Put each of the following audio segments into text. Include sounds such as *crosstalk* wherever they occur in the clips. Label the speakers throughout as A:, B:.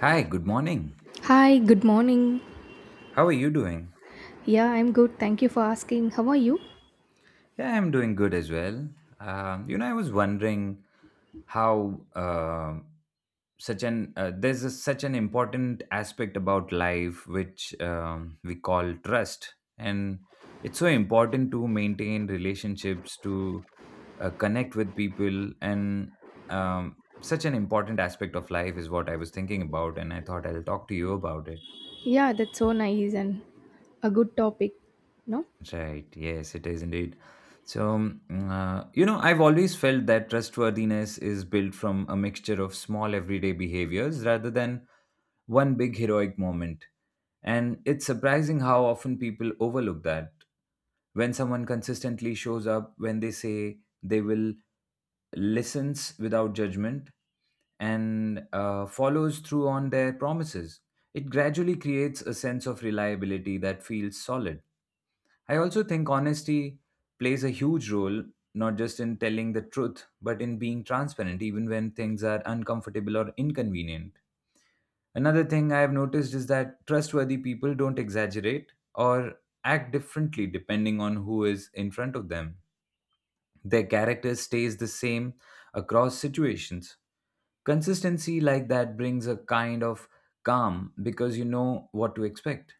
A: Hi, good morning.
B: Hi, good morning.
A: How are you doing?
B: Yeah, I'm good. Thank you for asking. How are you?
A: Yeah, I'm doing good as well. I was wondering how such an there's such an important aspect about life which we call trust, and it's so important to maintain relationships, to connect with people, and such an important aspect of life is what I was thinking about, and I thought I'll talk to you about it.
B: Yeah, that's so nice and a good topic. No?
A: Right. Yes, it is indeed. I've always felt that trustworthiness is built from a mixture of small everyday behaviors rather than one big heroic moment. And it's surprising how often people overlook that. When someone consistently shows up, when they say they will listens without judgment, and follows through on their promises. It gradually creates a sense of reliability that feels solid. I also think honesty plays a huge role, not just in telling the truth, but in being transparent, even when things are uncomfortable or inconvenient. Another thing I have noticed is that trustworthy people don't exaggerate or act differently depending on who is in front of them. Their character stays the same across situations. Consistency like that brings a kind of calm because you know what to expect.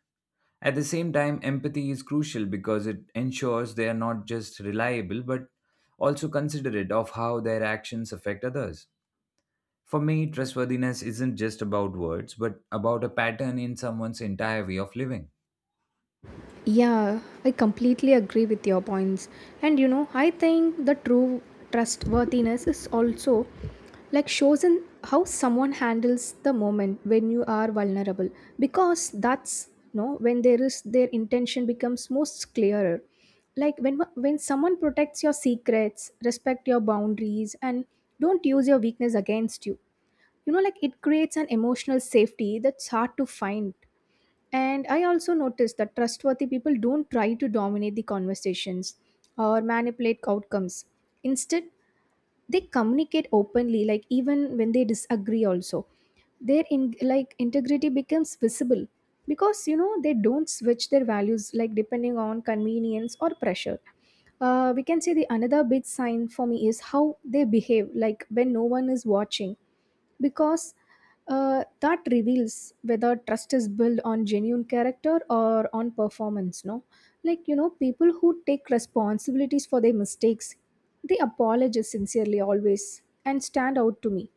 A: At the same time, empathy is crucial because it ensures they are not just reliable but also considerate of how their actions affect others. For me, trustworthiness isn't just about words but about a pattern in someone's entire way of living.
B: Yeah, I completely agree with your points. And you know, I think the true trustworthiness is also like shows in how someone handles the moment when you are vulnerable because that's no when there is their intention becomes most clearer, like when someone protects your secrets, respect your boundaries, and don't use your weakness against you. You know, like it creates an emotional safety that's hard to find. And I also noticed that trustworthy people don't try to dominate the conversations or manipulate outcomes. Instead, they communicate openly, like even when they disagree, also. Their in, like integrity becomes visible because you know they don't switch their values like depending on convenience or pressure. We can say the another big sign for me is how they behave, like when no one is watching, because that reveals whether trust is built on genuine character or on performance, no? Like you know, people who take responsibilities for their mistakes, they apologize sincerely always and stand out to me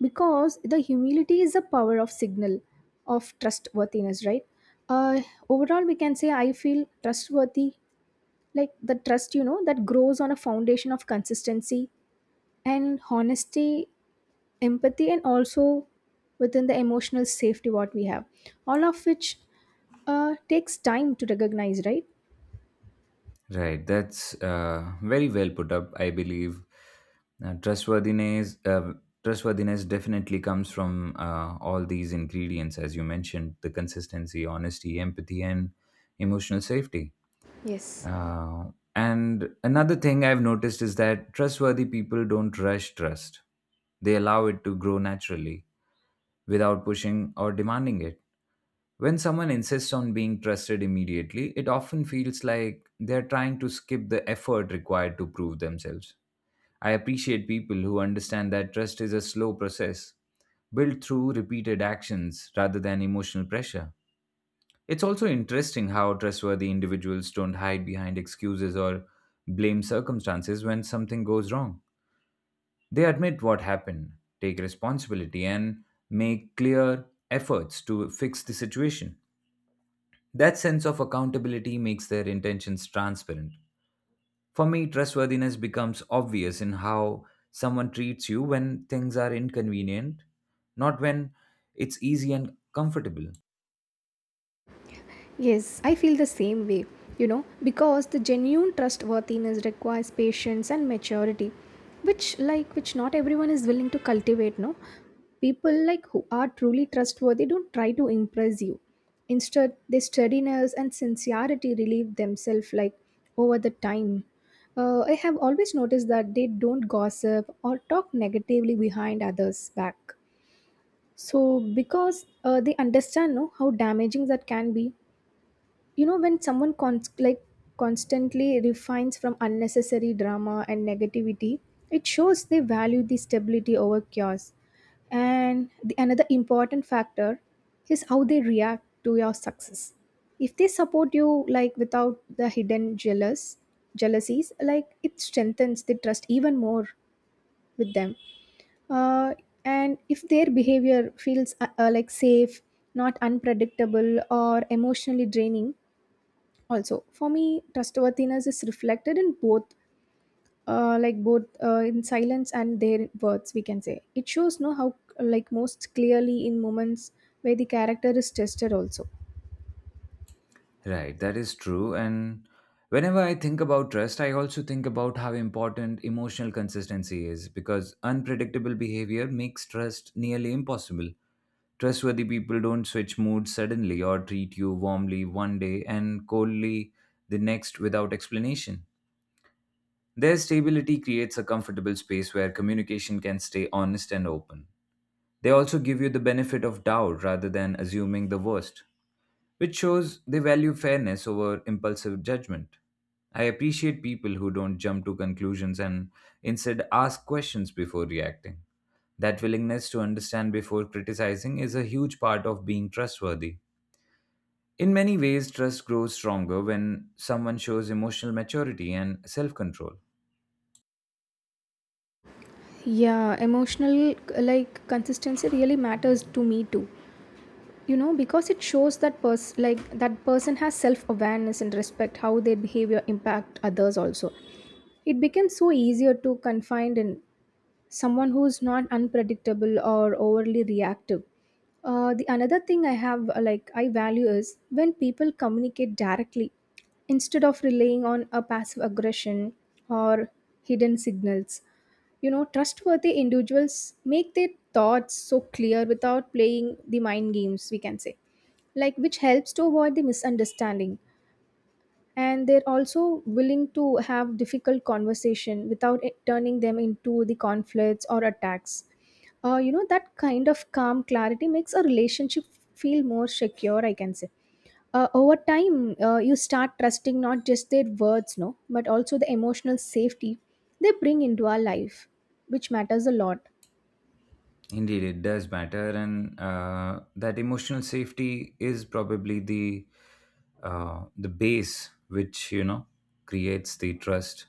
B: because the humility is a power of signal of trustworthiness, right? uh, Overall, we can say I feel trustworthy, like the trust, you know, that grows on a foundation of consistency and honesty, empathy, and also within the emotional safety what we have, all of which takes time to recognize, right?
A: Right, that's very well put up, I believe. Uh, trustworthiness, uh, trustworthiness definitely comes from all these ingredients, as you mentioned the consistency, honesty, empathy, and emotional safety.
B: Yes.
A: Uh, and another thing I've noticed is that trustworthy people don't rush trust, they allow it to grow naturally without pushing or demanding it. When someone insists on being trusted immediately, it often feels like they're trying to skip the effort required to prove themselves. I appreciate people who understand that trust is a slow process, built through repeated actions rather than emotional pressure. It's also interesting how trustworthy individuals don't hide behind excuses or blame circumstances when something goes wrong. They admit what happened, take responsibility, and make clear efforts to fix the situation. That sense of accountability makes their intentions transparent. For me, trustworthiness becomes obvious in how someone treats you when things are inconvenient, not when it's easy and comfortable.
B: Yes, I feel the same way, you know, because the genuine trustworthiness requires patience and maturity, which like which not everyone is willing to cultivate, no? People like who are truly trustworthy don't try to impress you. Instead, their steadiness and sincerity relieve themselves like over the time. I have always noticed that they don't gossip or talk negatively behind others' back. So because they understand no, how damaging that can be. You know, when someone like constantly refines from unnecessary drama and negativity, it shows they value the stability over chaos. And the, another important factor is how they react to your success. If they support you like without the hidden jealousies, like it strengthens the trust even more with them. uh, and if their behavior feels like safe, not unpredictable or emotionally draining. Also, for me, trustworthiness is reflected in both like both in silence and their words, we can say. It shows no how like most clearly in moments where the character is tested also.
A: Right, that is true. And whenever I think about trust, I also think about how important emotional consistency is because unpredictable behavior makes trust nearly impossible. Trustworthy people don't switch moods suddenly or treat you warmly one day and coldly the next without explanation. Their stability creates a comfortable space where communication can stay honest and open. They also give you the benefit of doubt rather than assuming the worst, which shows they value fairness over impulsive judgment. I appreciate people who don't jump to conclusions and instead ask questions before reacting. That willingness to understand before criticizing is a huge part of being trustworthy. In many ways, trust grows stronger when someone shows emotional maturity and self control.
B: Yeah, emotional like consistency really matters to me too. You know, because it shows that person like that person has self awareness and respect how their behavior impact others also. It becomes so easier to confine in someone who's not unpredictable or overly reactive. The another thing I have like I value is when people communicate directly instead of relying on a passive aggression or hidden signals. You know, trustworthy individuals make their thoughts so clear without playing the mind games, we can say, like which helps to avoid the misunderstanding. And they're also willing to have difficult conversation without it turning them into the conflicts or attacks. You know, that kind of calm clarity makes a relationship feel more secure, I can say. Over time, you start trusting not just their words, no, but also the emotional safety they bring into our life, which matters a lot.
A: Indeed, it does matter, and that emotional safety is probably the base which you know creates the trust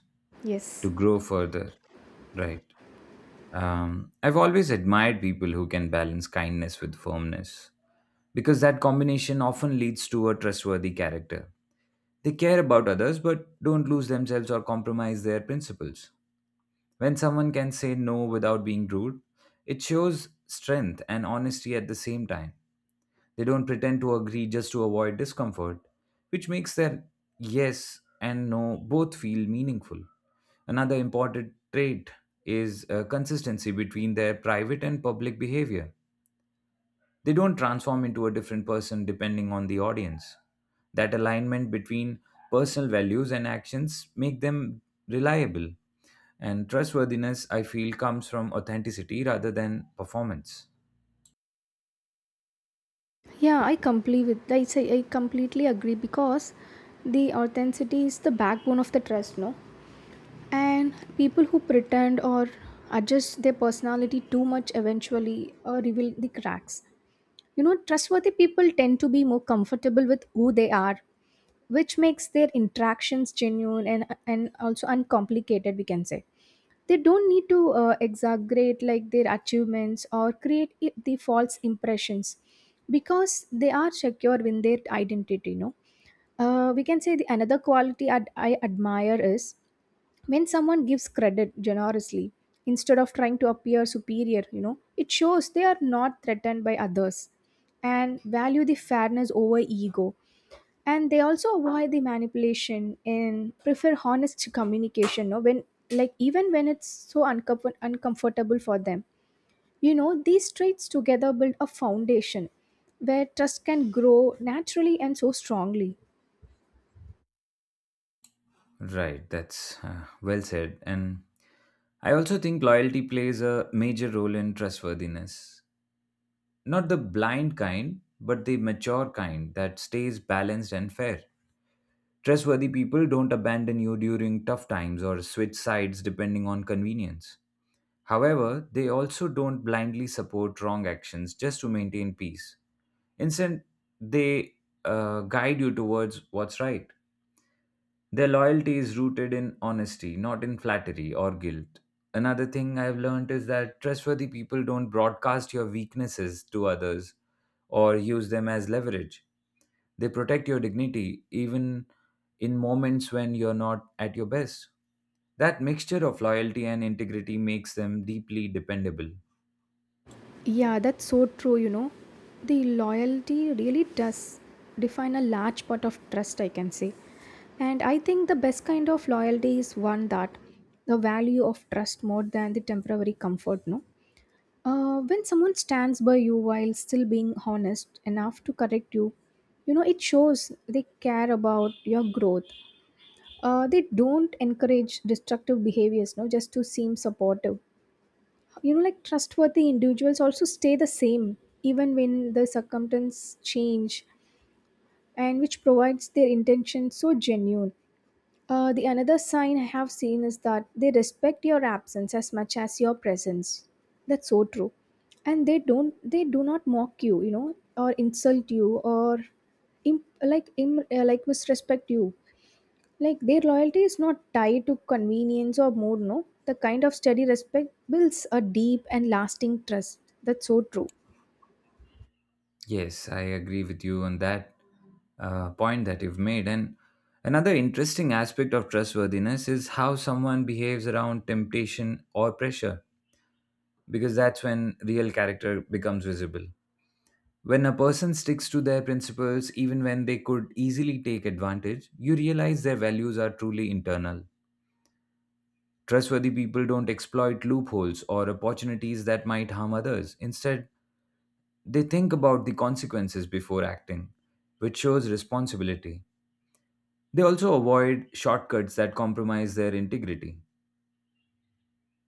A: to
B: Yes.
A: grow further. Right. I've always admired people who can balance kindness with firmness because that combination often leads to a trustworthy character. They care about others but don't lose themselves or compromise their principles. When someone can say no without being rude, it shows strength and honesty at the same time. They don't pretend to agree just to avoid discomfort, which makes their yes and no both feel meaningful. Another important trait is consistency between their private and public behavior. They don't transform into a different person depending on the audience. That alignment between personal values and actions make them reliable and trustworthiness, I feel, comes from authenticity rather than performance.
B: Yeah, I completely with I say I completely agree, because the authenticity is the backbone of the trust, no? And people who pretend or adjust their personality too much eventually reveal the cracks. You know, trustworthy people tend to be more comfortable with who they are, which makes their interactions genuine and also uncomplicated, we can say. They don't need to exaggerate like their achievements or create the false impressions, because they are secure in their identity, you know. We can say the another quality I admire is when someone gives credit generously instead of trying to appear superior. You know, it shows they are not threatened by others and value the fairness over ego. And they also avoid the manipulation and prefer honest communication, no, when like even when it's so uncomfortable for them. You know, these traits together build a foundation where trust can grow naturally and so strongly.
A: Right, that's well said. And I also think loyalty plays a major role in trustworthiness. Not the blind kind, but the mature kind that stays balanced and fair. Trustworthy people don't abandon you during tough times or switch sides depending on convenience. However, they also don't blindly support wrong actions just to maintain peace. Instead, they guide you towards what's right. Their loyalty is rooted in honesty, not in flattery or guilt. Another thing I've learned is that trustworthy people don't broadcast your weaknesses to others or use them as leverage. They protect your dignity even in moments when you're not at your best. That mixture of loyalty and integrity makes them deeply dependable.
B: Yeah, that's so true, you know. The loyalty really does define a large part of trust, I can say. And I think the best kind of loyalty is one that the value of trust more than the temporary comfort, no? When someone stands by you while still being honest enough to correct you, you know, it shows they care about your growth. They don't encourage destructive behaviors, no, just to seem supportive. You know, like trustworthy individuals also stay the same even when the circumstances change, and which provides their intention so genuine. The another sign I have seen is that they respect your absence as much as your presence. That's so true. And they do not mock you, you know, or insult you or like like misrespect you, like their loyalty is not tied to convenience or more, no. The kind of steady respect builds a deep and lasting trust. That's so true.
A: Yes, I agree with you on that point that you've made. And another interesting aspect of trustworthiness is how someone behaves around temptation or pressure, because that's when real character becomes visible. When a person sticks to their principles, even when they could easily take advantage, you realize their values are truly internal. Trustworthy people don't exploit loopholes or opportunities that might harm others. Instead, they think about the consequences before acting, which shows responsibility. They also avoid shortcuts that compromise their integrity.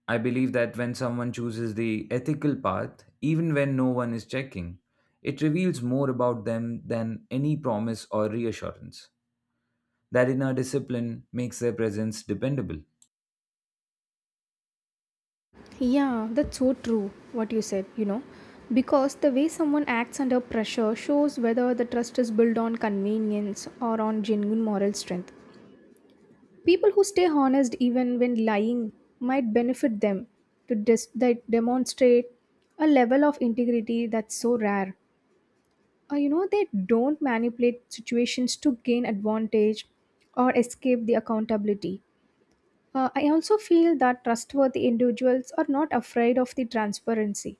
A: I believe that when someone chooses the ethical path, even when no one is checking, it reveals more about them than any promise or reassurance. That inner discipline makes their presence dependable.
B: Yeah, that's so true, what you said, you know. Because the way someone acts under pressure shows whether the trust is built on convenience or on genuine moral strength. People who stay honest even when lying might benefit them, that demonstrate a level of integrity that's so rare. You know, they don't manipulate situations to gain advantage or escape the accountability. I also feel that trustworthy individuals are not afraid of the transparency.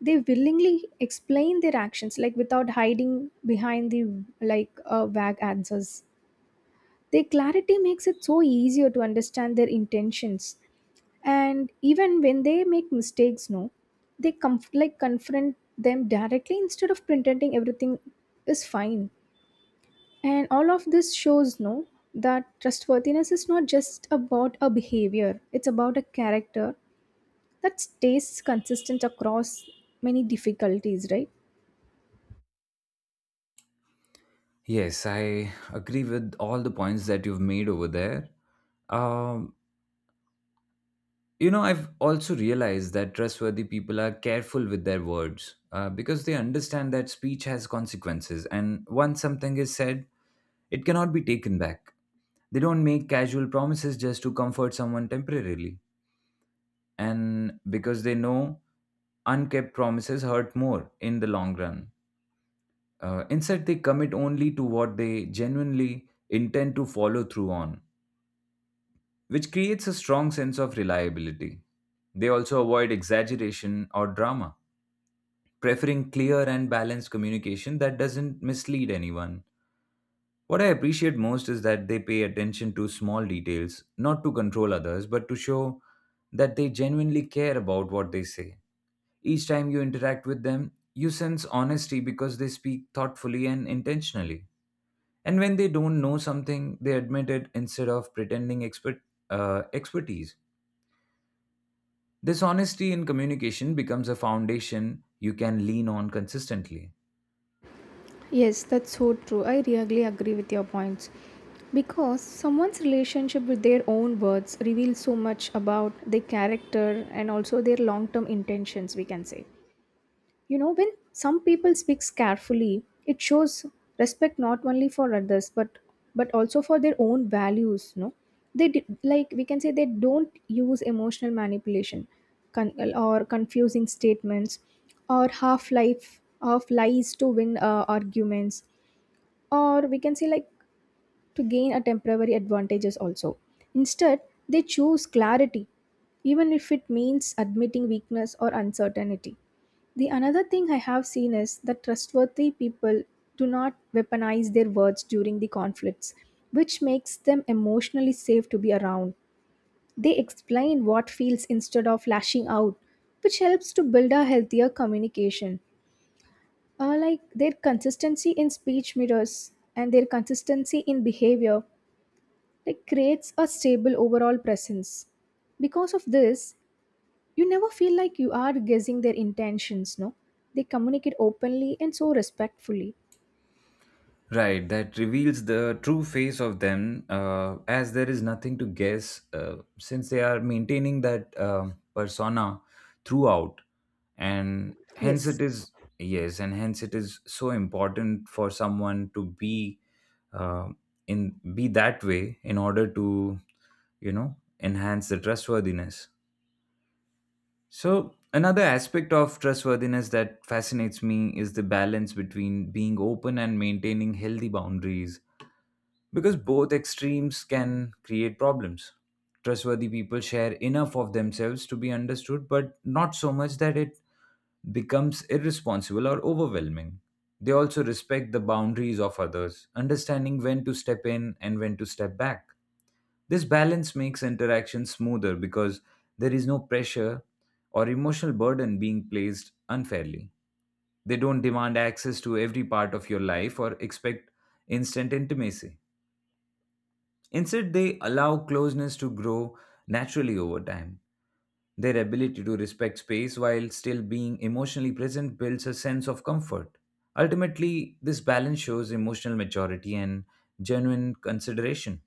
B: They willingly explain their actions like without hiding behind the like vague answers. Their clarity makes it so easier to understand their intentions. And even when they make mistakes, no, they like confront them directly instead of pretending everything is fine. And all of this shows no that trustworthiness is not just about a behavior, it's about a character that stays consistent across many difficulties, right?
A: Yes, I agree with all the points that you've made over there. Um, I've also realized that trustworthy people are careful with their words because they understand that speech has consequences, and once something is said, it cannot be taken back. They don't make casual promises just to comfort someone temporarily, and because they know unkept promises hurt more in the long run. Instead, they commit only to what they genuinely intend to follow through on, which creates a strong sense of reliability. They also avoid exaggeration or drama, preferring clear and balanced communication that doesn't mislead anyone. What I appreciate most is that they pay attention to small details, not to control others, but to show that they genuinely care about what they say. Each time you interact with them, you sense honesty because they speak thoughtfully and intentionally. And when they don't know something, they admit it instead of pretending expertise. This honesty in communication becomes a foundation you can lean on consistently.
B: Yes, that's so true. I really agree with your points. Because someone's relationship with their own words reveals so much about their character and also their long term intentions, we can say. You know, when some people speaks carefully, it shows respect not only for others but also for their own values. No, they did, like we can say they don't use emotional manipulation, or confusing statements, or half life of lies to win arguments, or we can say like to gain a temporary advantages also. Instead, they choose clarity, even if it means admitting weakness or uncertainty. The another thing I have seen is that trustworthy people do not weaponize their words during the conflicts, which makes them emotionally safe to be around. They explain what feels instead of lashing out, which helps to build a healthier communication. Like their consistency in speech mirrors and their consistency in behavior like creates a stable overall presence. Because of this, you never feel like you are guessing their intentions, no? They communicate openly and so respectfully.
A: Right, that reveals the true face of them, as there is nothing to guess since they are maintaining that persona throughout, and hence it
B: Yes.
A: is yes, and hence it is so important for someone to be uh, in be that way in order to you know enhance the trustworthiness. So another aspect of trustworthiness that fascinates me is the balance between being open and maintaining healthy boundaries because both extremes can create problems. Trustworthy people share enough of themselves to be understood, but not so much that it becomes irresponsible or overwhelming. They also respect the boundaries of others, understanding when to step in and when to step back. This balance makes interaction smoother because there is no pressure or emotional burden being placed unfairly. They don't demand access to every part of your life or expect instant intimacy. Instead, they allow closeness to grow naturally over time. Their ability to respect space while still being emotionally present builds a sense of comfort. Ultimately, this balance shows emotional maturity and genuine consideration.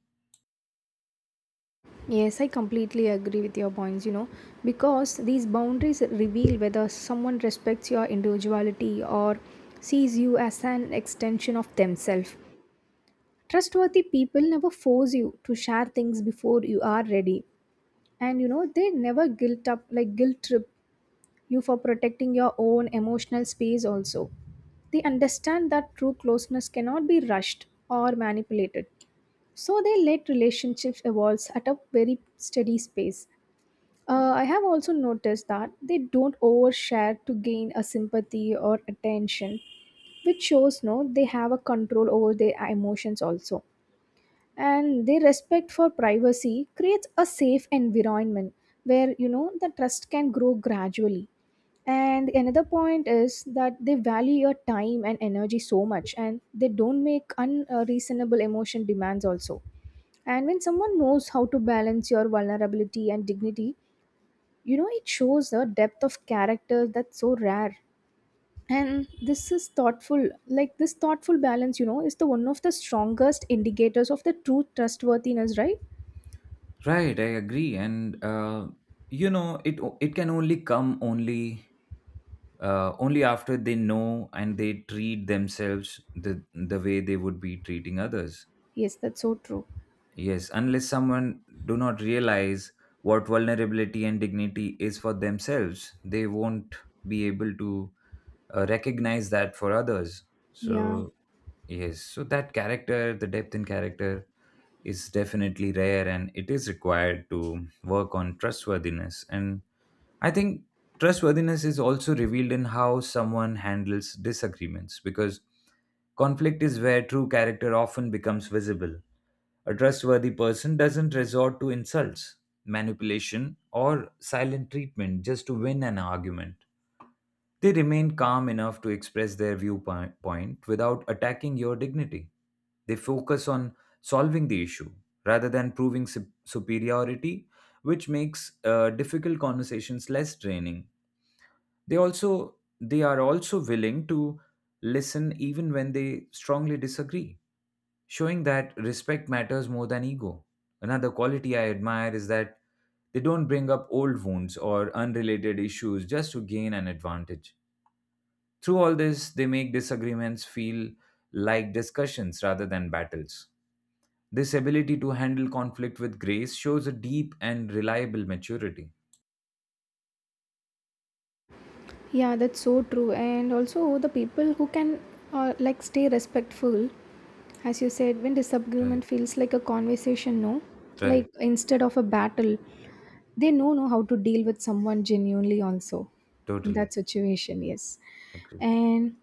B: Yes, I completely agree with your points, you know, because these boundaries reveal whether someone respects your individuality or sees you as an extension of themselves. Trustworthy people never force you to share things before you are ready. And you know, they never guilt up like guilt trip you for protecting your own emotional space also. They understand that true closeness cannot be rushed or manipulated. So they let relationships evolve at a very steady pace. I have also noticed that they don't overshare to gain a sympathy or attention, which shows no they have a control over their emotions also. And their respect for privacy creates a safe environment where you know the trust can grow gradually. And another point is that they value your time and energy so much, and they don't make unreasonable emotion demands also. And when someone knows how to balance your vulnerability and dignity, you know, it shows a depth of character that's so rare. And this is thoughtful like this thoughtful balance, you know, is the one of the strongest indicators of the true trustworthiness, right?
A: Right, I agree, and It can only come only after they know and they treat themselves the the way they would be treating others.
B: Yes, that's so true.
A: Yes, unless someone do not realize what vulnerability and dignity is for themselves, they won't be able to recognize that for others.
B: Yeah,
A: So, yes, so that character, the depth in character is definitely rare and it is required to work on trustworthiness. And I think trustworthiness is also revealed in how someone handles disagreements because conflict is where true character often becomes visible. A trustworthy person doesn't resort to insults, manipulation, or silent treatment just to win an argument. They remain calm enough to express their viewpoint point without attacking your dignity. They focus on solving the issue rather than proving superiority, which makes difficult conversations less draining. They also they are also willing to listen even when they strongly disagree showing that respect matters more than ego. Another quality I admire is that they don't bring up old wounds or unrelated issues just to gain an advantage. Through all this, they make disagreements feel like discussions rather than battles. This ability to handle conflict with grace shows a deep and reliable maturity.
B: yeah, that's so true. And also the people who can like stay respectful, as you said, when
A: Right,
B: disagreement feels like a conversation, no,
A: right,
B: like instead of a battle, they know how to deal with someone genuinely also in
A: totally
B: that situation. Yes,
A: agree.
B: and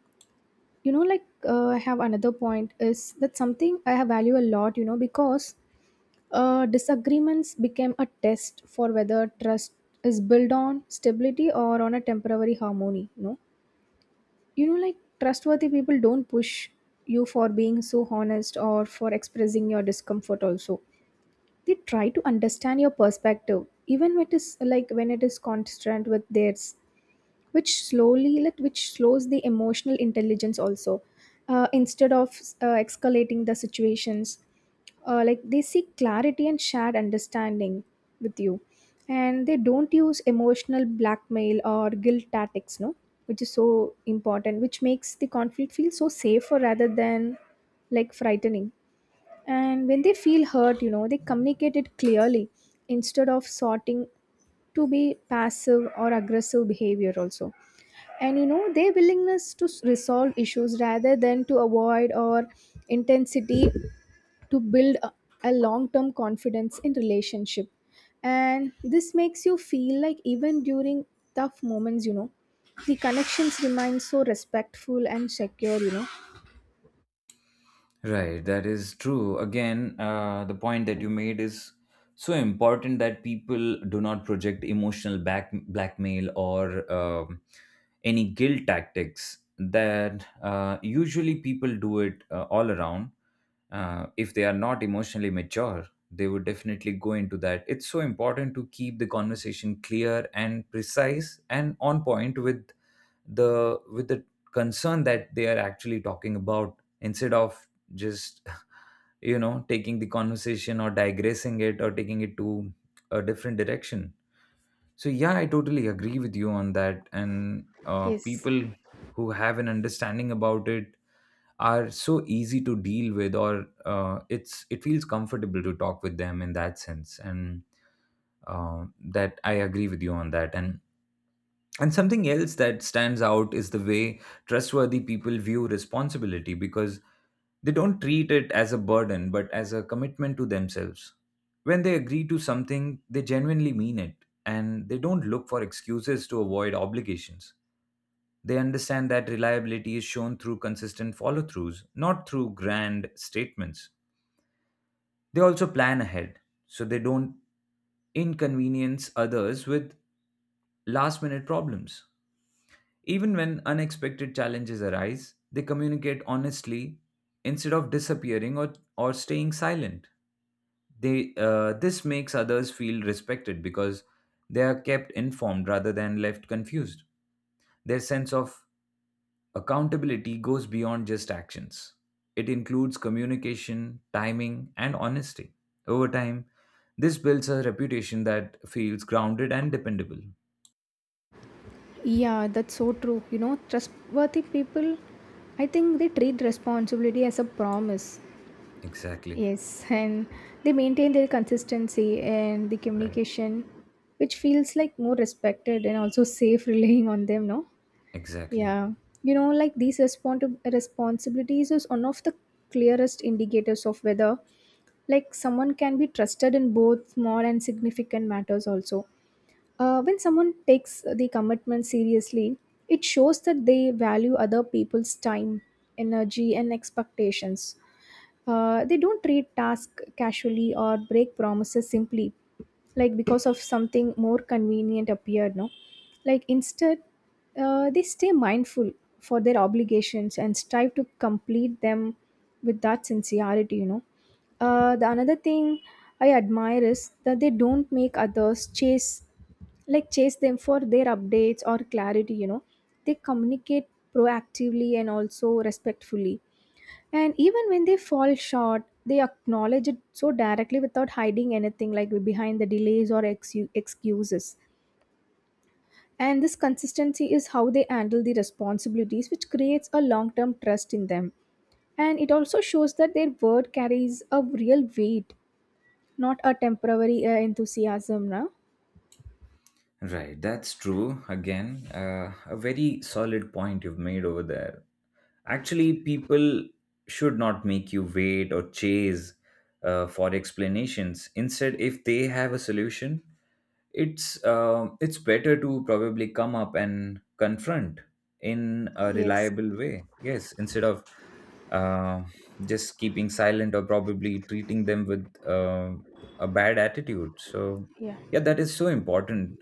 B: you know, like I have another point is that something I have value a lot, you know, because disagreements became a test for whether trust is built on stability or on a temporary harmony. No, you know, like trustworthy people don't push you for being so honest or for expressing your discomfort. Also, they try to understand your perspective, even when it is constant with theirs, which slowly like which slows the emotional intelligence also, instead of escalating the situations. Uh, like they seek clarity and shared understanding with you, and they don't use emotional blackmail or guilt tactics, no, which is so important, which makes the conflict feel so safer rather than like frightening. And when they feel hurt, you know, they communicate it clearly instead of sorting to be passive or aggressive behavior also. And you know, their willingness to resolve issues rather than to avoid or intensity, to build a long-term confidence in relationship, and this makes you feel like even during tough moments, you know, the connections remain so respectful and secure, you know.
A: Right, that is true. Again, the point that you made is so important that people do not project emotional back blackmail or any guilt tactics that usually people do it all around if they are not emotionally mature they would definitely go into that. It's so important to keep the conversation clear and precise and on point with the concern that they are actually talking about instead of just *laughs* taking the conversation or digressing it or taking it to a different direction. So yeah, I totally agree with you on that. And
B: Yes.
A: people who have an understanding about it are so easy to deal with, or it feels comfortable to talk with them in that sense. And that I agree with you on that. And something else that stands out is the way trustworthy people view responsibility, because they don't treat it as a burden but as a commitment to themselves. When they agree to something they genuinely mean it, and they don't look for excuses to avoid obligations. They understand that reliability is shown through consistent follow throughs, not through grand statements. They also plan ahead so they don't inconvenience others with last minute problems. Even when unexpected challenges arise, they communicate honestly instead of disappearing or, staying silent. They, this makes others feel respected because they are kept informed rather than left confused. Their sense of accountability goes beyond just actions. It includes communication, timing, and honesty. Over time, this builds a reputation that feels grounded and dependable.
B: Yeah, that's so true. You know, trustworthy people, I think they treat responsibility as a promise.
A: Exactly.
B: Yes, and they maintain their consistency and the
A: Right.
B: communication, which feels like more respected and also safe *laughs* relying on them, no?
A: Exactly.
B: Yeah. You know, like these responsibilities is one of the clearest indicators of whether like someone can be trusted in both small and significant matters also. When someone takes the commitment seriously, it shows that they value other people's time, energy, and expectations. They don't treat tasks casually or break promises simply, like because of something more convenient appeared. No, like instead, they stay mindful for their obligations and strive to complete them with that sincerity. You know, the another thing I admire is that they don't make others chase, like chase them for their updates or clarity, you know. They communicate proactively and also respectfully, and even when they fall short, they acknowledge it so directly without hiding anything like behind the delays or excuses. And this consistency is how they handle the responsibilities, which creates a long term trust in them, and it also shows that their word carries a real weight, not a temporary enthusiasm, no?
A: Right. That's true. Again, a very solid point you've made over there. Actually, people should not make you wait or chase for explanations. Instead, if they have a solution, it's better to probably come up and confront in a
B: Yes.
A: reliable way. Yes, instead of uh, just keeping silent or probably treating them with a bad attitude. So
B: Yeah.
A: yeah, that is so important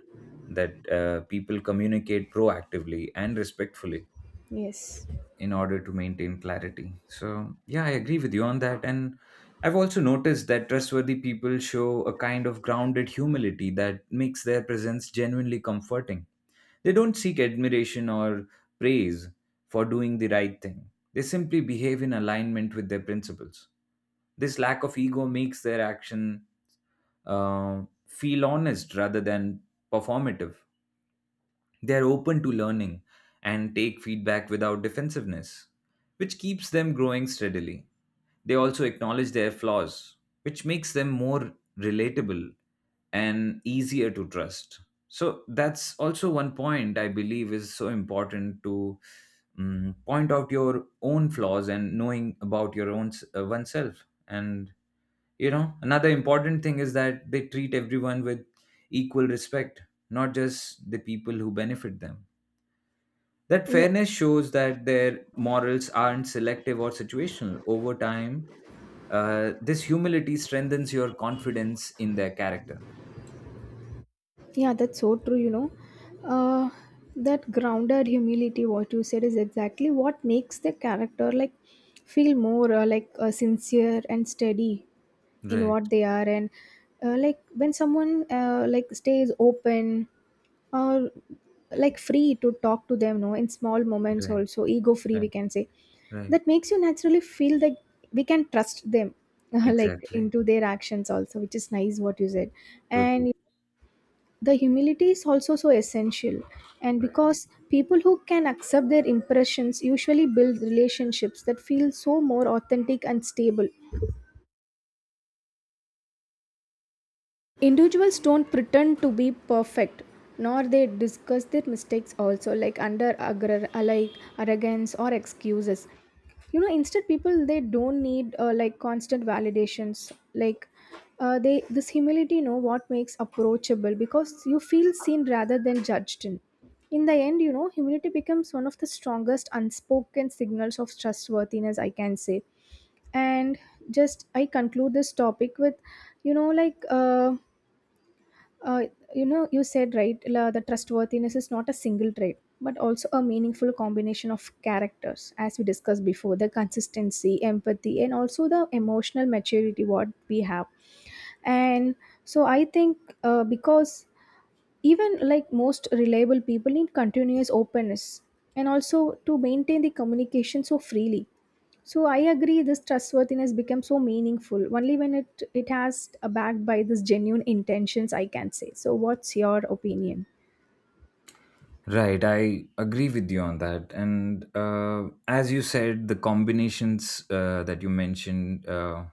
A: that people communicate proactively and respectfully
B: Yes.
A: in order to maintain clarity. So, yeah, I agree with you on that. And I've also noticed that trustworthy people show a kind of grounded humility that makes their presence genuinely comforting. They don't seek admiration or praise for doing the right thing, they simply behave in alignment with their principles. This lack of ego makes their action feel honest rather than performative. They're open to learning and take feedback without defensiveness, which keeps them growing steadily. They also acknowledge their flaws, which makes them more relatable and easier to trust. So, that's also one point I believe is so important to point out your own flaws and knowing about your own oneself. And, you know, another important thing is that they treat everyone with equal respect, not just the people who benefit them. That
B: Yeah.
A: fairness shows that their morals aren't selective or situational. Over time, this humility strengthens your confidence in their character.
B: Yeah, that's so true, you know. Uh, that grounded humility, what you said, is exactly what makes the character like feel more sincere and steady in
A: Right,
B: what they are. And like when someone like stays open or like free to talk to them, no, in small moments
A: right,
B: also, ego free, we
A: right,
B: can say,
A: right.
B: that makes you naturally feel like we can trust them. *laughs* Like
A: Exactly.
B: into their actions also, which is nice what you said.
A: Totally.
B: And the humility is also so essential, and
A: Right.
B: because people who can accept their impressions usually build relationships that feel so more authentic and stable. Individuals don't pretend to be perfect, nor they discuss their mistakes also like under like arrogance or excuses. You know, instead people, they don't need like constant validations. Like uh, they this humility know what makes approachable because you feel seen rather than judged. In the end, you know, humility becomes one of the strongest unspoken signals of trustworthiness, I can say. And just I conclude this topic with, you know, uh, you know, you said right, the trustworthiness is not a single trait, but also a meaningful combination of characters, as we discussed before, the consistency, empathy, and also the emotional maturity what we have. And so I think because even like most reliable people need continuous openness and also to maintain the communication so freely, so I agree this trustworthiness becomes so meaningful only when it has backed by this genuine intentions, I can say. So what's your opinion?
A: Right. I agree with you on that. And as you said, the combinations that you mentioned.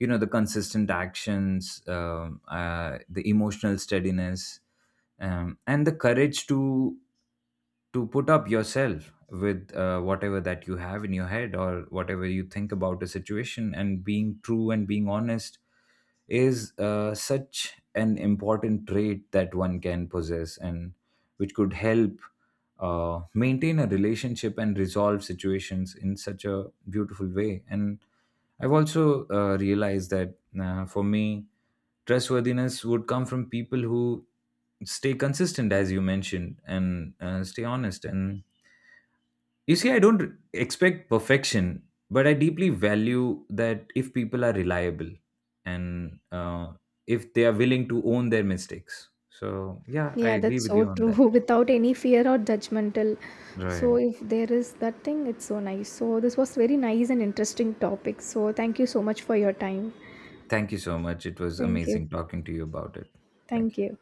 A: You know, the consistent actions, the emotional steadiness, and the courage to put up yourself with whatever that you have in your head or whatever you think about a situation, and being true and being honest is such an important trait that one can possess, and which could help maintain a relationship and resolve situations in such a beautiful way. And I've also realized that for me, trustworthiness would come from people who stay consistent, as you mentioned, and stay honest. And you see, I don't expect perfection, but I deeply value that if people are reliable and if they are willing to own their mistakes. So, yeah, I
B: Yeah,
A: agree
B: that's
A: with you
B: so
A: on
B: true.
A: that.
B: *laughs* Without any fear or judgmental,
A: Right.
B: so if there is that thing, it's so nice. So this was very nice and interesting topic, so thank you so much for your time.
A: Thank you so much. It was
B: Thank you.
A: amazing talking to you about it. Thank
B: Thank
A: you.
B: you.